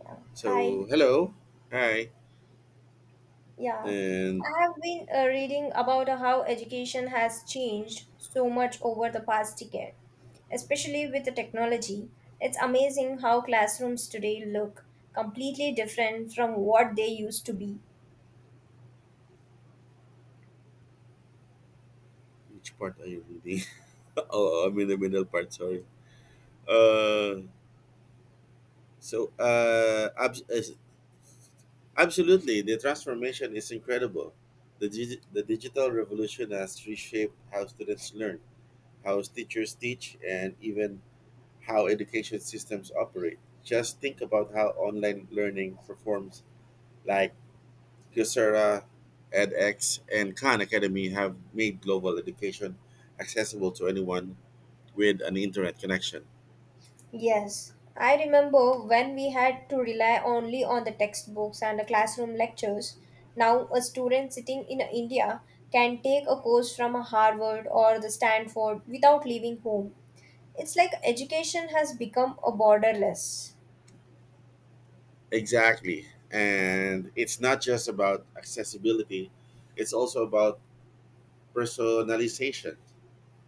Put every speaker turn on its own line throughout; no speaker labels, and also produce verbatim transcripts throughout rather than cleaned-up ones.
Yeah. Hi.
So, hello. Hi.
Yeah.
And
I have been uh, reading about how education has changed so much over the past decade, especially with the technology. It's amazing how classrooms today look completely different from what they used to be.
which part are you reading? Oh, I'm in the middle part, sorry. Uh, so, uh, abs- is- Absolutely, the transformation is incredible. The, digi- the digital revolution has reshaped how students learn, how teachers teach, and even how education systems operate. Just think about how online learning performs like Coursera, edX, and Khan Academy have made global education accessible to anyone with an internet connection.
Yes, I remember when we had to rely only on the textbooks and the classroom lectures. Now, a student sitting in India can take a course from a Harvard or the Stanford without leaving home. It's like education has become a borderless.
Exactly. And it's not just about accessibility, it's also about personalization.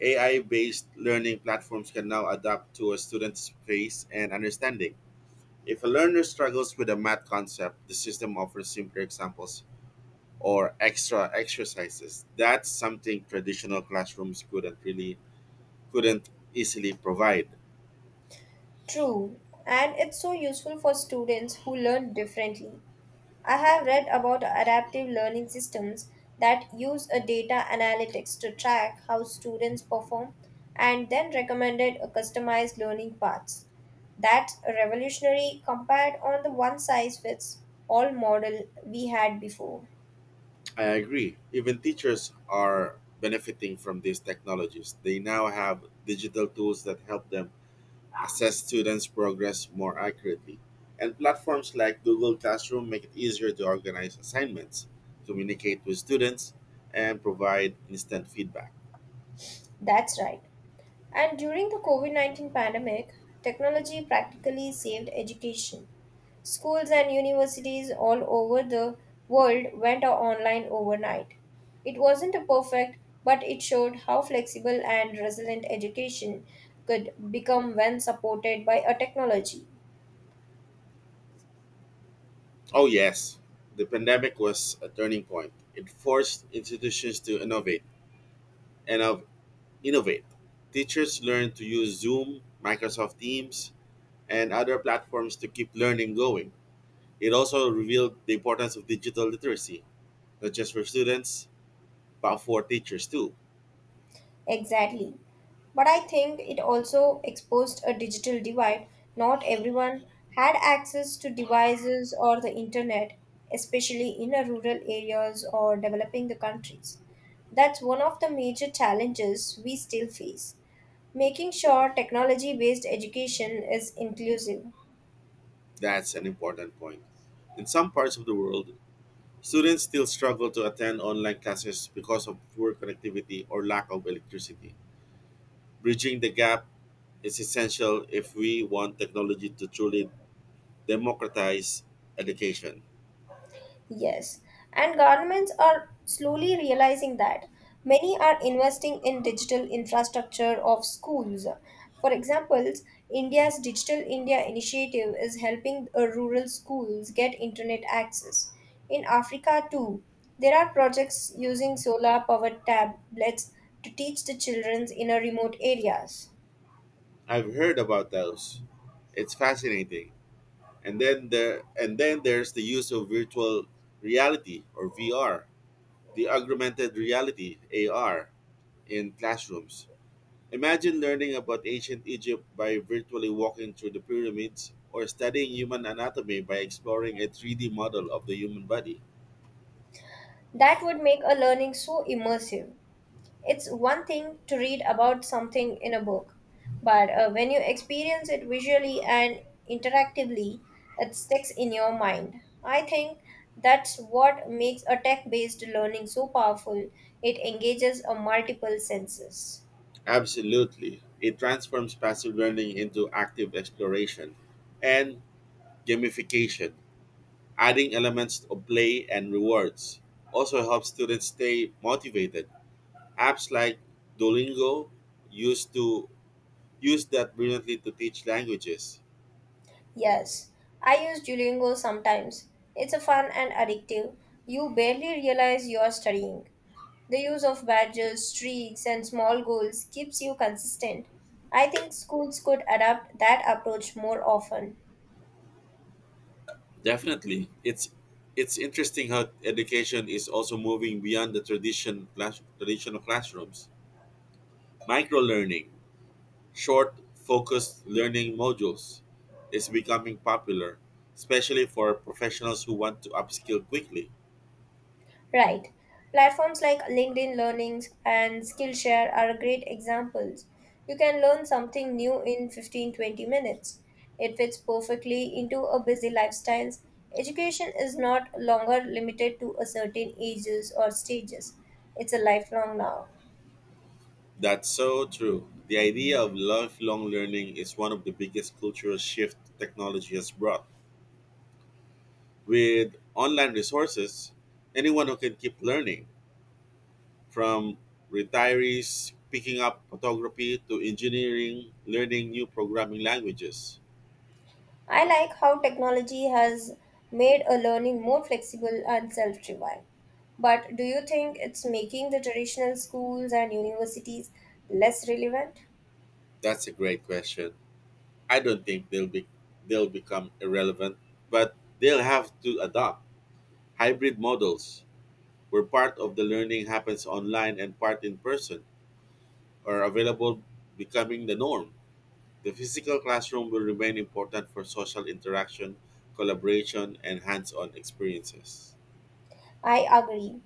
A I based learning platforms can now adapt to a student's pace and understanding. If a learner struggles with a math concept, the system offers simpler examples or extra exercises. That's something traditional classrooms couldn't really couldn't easily provide.
True, and it's so useful for students who learn differently. I have read about adaptive learning systems that use a data analytics to track how students perform and then recommended a customized learning paths. That's revolutionary compared on the one size fits all model we had before.
I agree. Even teachers are benefiting from these technologies. They now have digital tools that help them assess students' progress more accurately. And platforms like Google Classroom make it easier to organize assignments, communicate with students, and provide instant feedback.
That's right. And during the COVID nineteen pandemic, technology practically saved education. Schools and universities all over the world went online overnight. It wasn't a perfect, but it showed how flexible and resilient education could become when supported by a technology.
Oh, yes, the pandemic was a turning point. It forced institutions to innovate and of innovate. Teachers learned to use Zoom, Microsoft Teams, and other platforms to keep learning going. It also revealed the importance of digital literacy, not just for students, but for teachers too.
Exactly. But I think it also exposed a digital divide. Not everyone had access to devices or the internet, especially in a rural areas or developing the countries. That's one of the major challenges we still face, making sure technology based education is inclusive.
That's an important point. In some parts of the world, students still struggle to attend online classes because of poor connectivity or lack of electricity. Bridging the gap is essential if we want technology to truly democratize education.
Yes, and governments are slowly realizing that. Many are investing in digital infrastructure of schools. For example, India's Digital India initiative is helping uh, rural schools get internet access. In Africa, too, there are projects using solar powered tablets to teach the children in a remote areas.
I've heard about those. It's fascinating, and then there and then there's the use of virtual reality, or V R, the augmented reality, A R, in classrooms. Imagine learning about ancient Egypt by virtually walking through the pyramids or studying human anatomy by exploring a three D model of the human body.
That would make a learning so immersive. It's one thing to read about something in a book, but uh, when you experience it visually and interactively, it sticks in your mind. I think that's what makes a tech based learning so powerful. It engages a multiple senses.
Absolutely. It transforms passive learning into active exploration and gamification, adding elements of play and rewards. Also helps students stay motivated. Apps like Duolingo used to use that brilliantly to teach languages.
Yes, I use Duolingo sometimes. It's a fun and addictive. You barely realize you're studying. The use of badges, streaks, and small goals keeps you consistent. I think schools could adapt that approach more often.
Definitely. It's it's interesting how education is also moving beyond the tradition class, traditional classrooms. Micro learning, short focused learning modules is becoming popular, especially for professionals who want to upskill quickly.
Right. Platforms like LinkedIn Learnings and Skillshare are great examples. You can learn something new in fifteen to twenty minutes. It fits perfectly into a busy lifestyles. Education is not longer limited to a certain ages or stages. It's a lifelong now.
That's so true. The idea of lifelong learning is one of the biggest cultural shifts technology has brought. With online resources, anyone who can keep learning, from retirees picking up photography to engineering learning new programming languages.
I like how technology has made a learning more flexible and self driven. But do you think it's making the traditional schools and universities less relevant?
That's a great question. I don't think they'll be they'll become irrelevant, but they'll have to adopt hybrid models where part of the learning happens online and part in person are available, becoming the norm. The physical classroom will remain important for social interaction, collaboration, and hands on experiences.
I agree.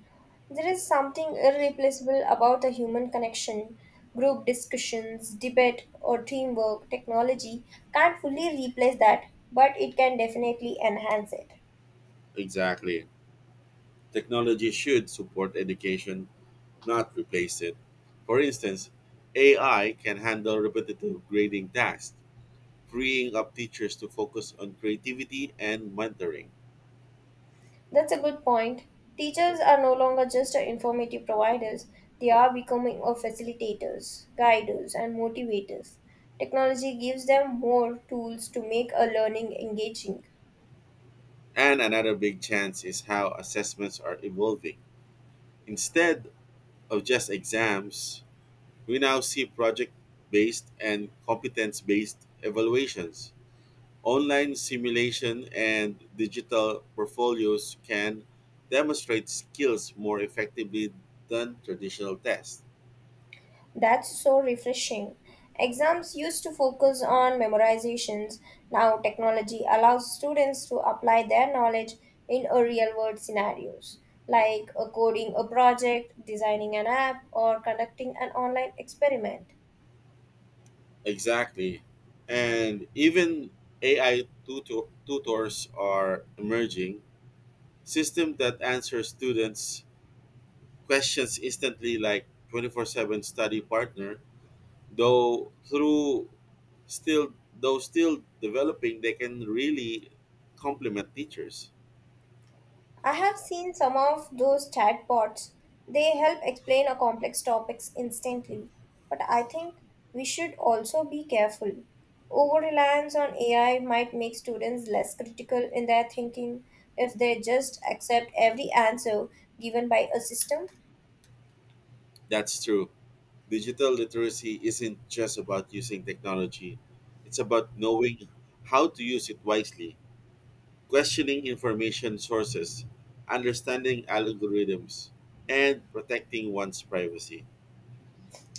There is something irreplaceable about the human connection, group discussions, debate, or teamwork. Technology can't fully replace that, but it can definitely enhance it.
Exactly. Technology should support education, not replace it. For instance, A I can handle repetitive grading tasks, freeing up teachers to focus on creativity and mentoring.
That's a good point. Teachers are no longer just informative providers, they are becoming a facilitators, guiders, and motivators. Technology gives them more tools to make a learning engaging.
And another big chance is how assessments are evolving. Instead of just exams, we now see project based and competence based evaluations. Online simulation and digital portfolios can demonstrate skills more effectively than traditional tests.
That's so refreshing. Exams used to focus on memorizations. Now, technology allows students to apply their knowledge in a real world scenarios, like a coding a project, designing an app, or conducting an online experiment.
Exactly. And even A I tutor- tutors are emerging. System that answers students' questions instantly, like twenty-four seven study partner, though through still though still developing, they can really complement teachers.
I have seen some of those chatbots. They help explain a complex topics instantly. But I think we should also be careful. Over reliance on A I might make students less critical in their thinking if they just accept every answer given by a system.
That's true. Digital literacy isn't just about using technology, it's about knowing how to use it wisely, questioning information sources, understanding algorithms, and protecting one's privacy.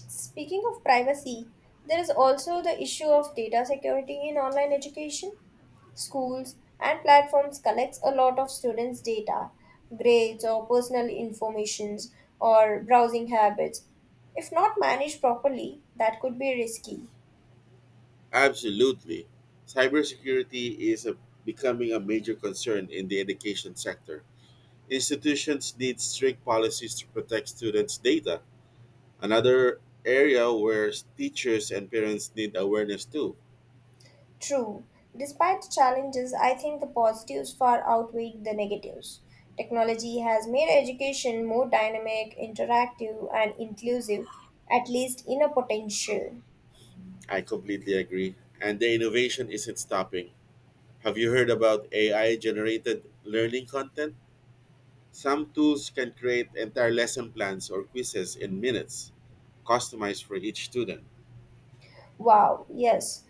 Speaking of privacy, there is also the issue of data security in online education. Schools and platforms collects a lot of students data, grades, or personal informations, or browsing habits. If not managed properly, that could be risky.
Absolutely. Cybersecurity is a, becoming a major concern in the education sector. Institutions need strict policies to protect students' data. Another area where teachers and parents need awareness too.
True. Despite the challenges, I think the positives far outweigh the negatives. Technology has made education more dynamic, interactive, and inclusive, at least in a potential.
I completely agree. And the innovation isn't stopping. Have you heard about A I generated learning content? Some tools can create entire lesson plans or quizzes in minutes, customized for each student.
Wow, yes.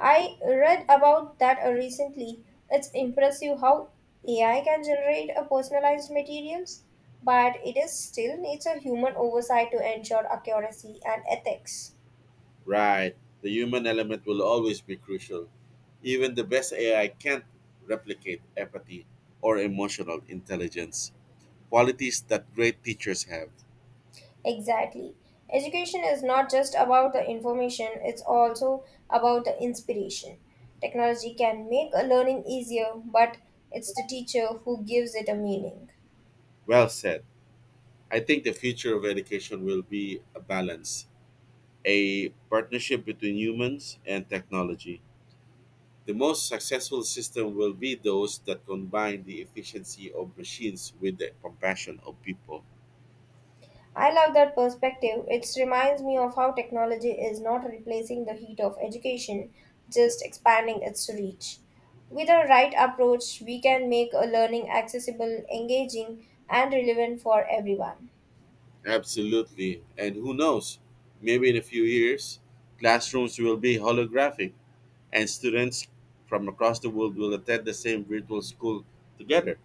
I read about that uh, recently. It's impressive how A I can generate a personalized materials, but it is still needs a human oversight to ensure accuracy and ethics.
Right. The human element will always be crucial. Even the best A I can't replicate empathy or emotional intelligence, qualities that great teachers have.
Exactly. Education is not just about the information, it's also about the inspiration. Technology can make a learning easier, but it's the teacher who gives it a meaning.
Well said. I think the future of education will be a balance, a partnership between humans and technology. The most successful system will be those that combine the efficiency of machines with the compassion of people.
I love that perspective. It reminds me of how technology is not replacing the heat of education, just expanding its reach. With the right approach, we can make a learning accessible, engaging, and relevant for everyone.
Absolutely. And who knows? Maybe in a few years, classrooms will be holographic and students from across the world will attend the same virtual school together.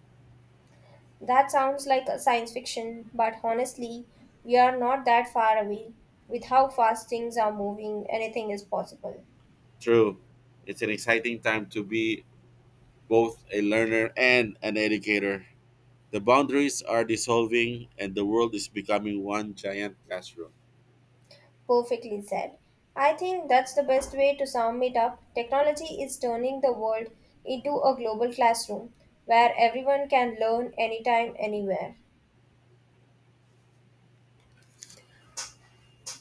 That sounds like a science fiction, but honestly, we are not that far away. With how fast things are moving, anything is possible.
True. It's an exciting time to be both a learner and an educator. The boundaries are dissolving and the world is becoming one giant classroom.
Perfectly said. I think that's the best way to sum it up. Technology is turning the world into a global classroom where everyone can learn anytime, anywhere.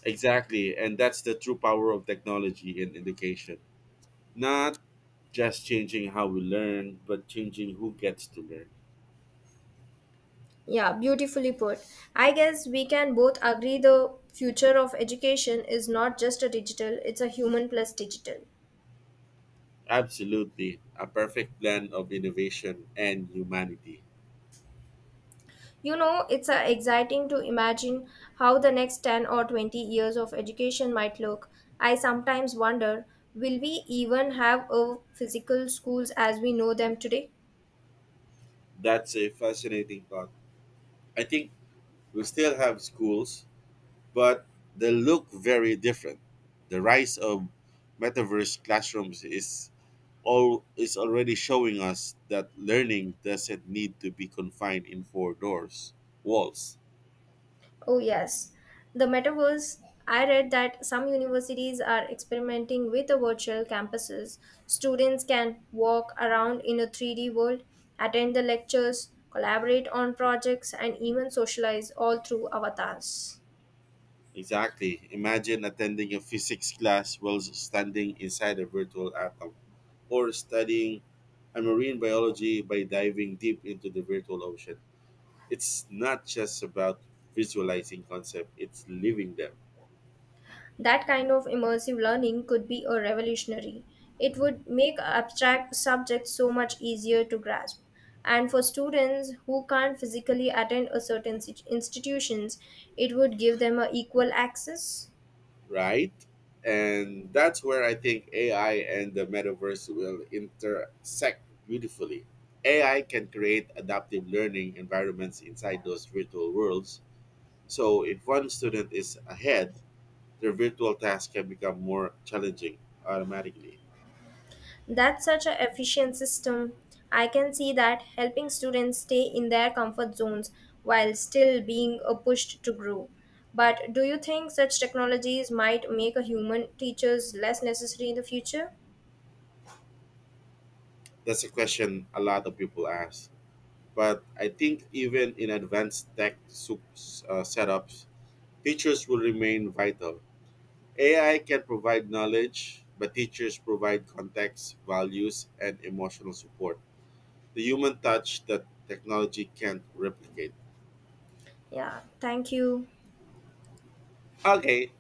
Exactly, and that's the true power of technology in education. Not just changing how we learn, but changing who gets to learn.
Yeah, beautifully put. I guess we can both agree the future of education is not just a digital, it's a human plus digital.
Absolutely, a perfect blend of innovation and humanity.
You know, it's uh, exciting to imagine how the next ten or twenty years of education might look. I sometimes wonder, will we even have a physical schools as we know them today?
That's a fascinating thought. I think we still have schools, but they look very different. The rise of metaverse classrooms is all is already showing us that learning doesn't need to be confined in four doors walls.
Oh, yes. The metaverse. I read that some universities are experimenting with the virtual campuses. Students can walk around in a three D world, attend the lectures, collaborate on projects, and even socialize all through avatars.
Exactly, imagine attending a physics class while standing inside a virtual atom, or studying a marine biology by diving deep into the virtual ocean. It's not just about visualizing concepts, it's living them.
That kind of immersive learning could be a revolutionary. It would make abstract subjects so much easier to grasp. And for students who can't physically attend a certain sit- institutions, it would give them a equal access.
Right? And that's where I think A I and the metaverse will intersect beautifully. A I can create adaptive learning environments inside those virtual worlds. So if one student is ahead, their virtual task can become more challenging automatically.
That's such an efficient system. I can see that helping students stay in their comfort zones while still being uh, pushed to grow. But do you think such technologies might make a human teachers less necessary in the future?
That's a question a lot of people ask. But I think even in advanced tech sup- uh, setups, teachers will remain vital. A I can provide knowledge, but teachers provide context, values, and emotional support. The human touch that technology can't replicate.
Yeah, thank you.
Okay,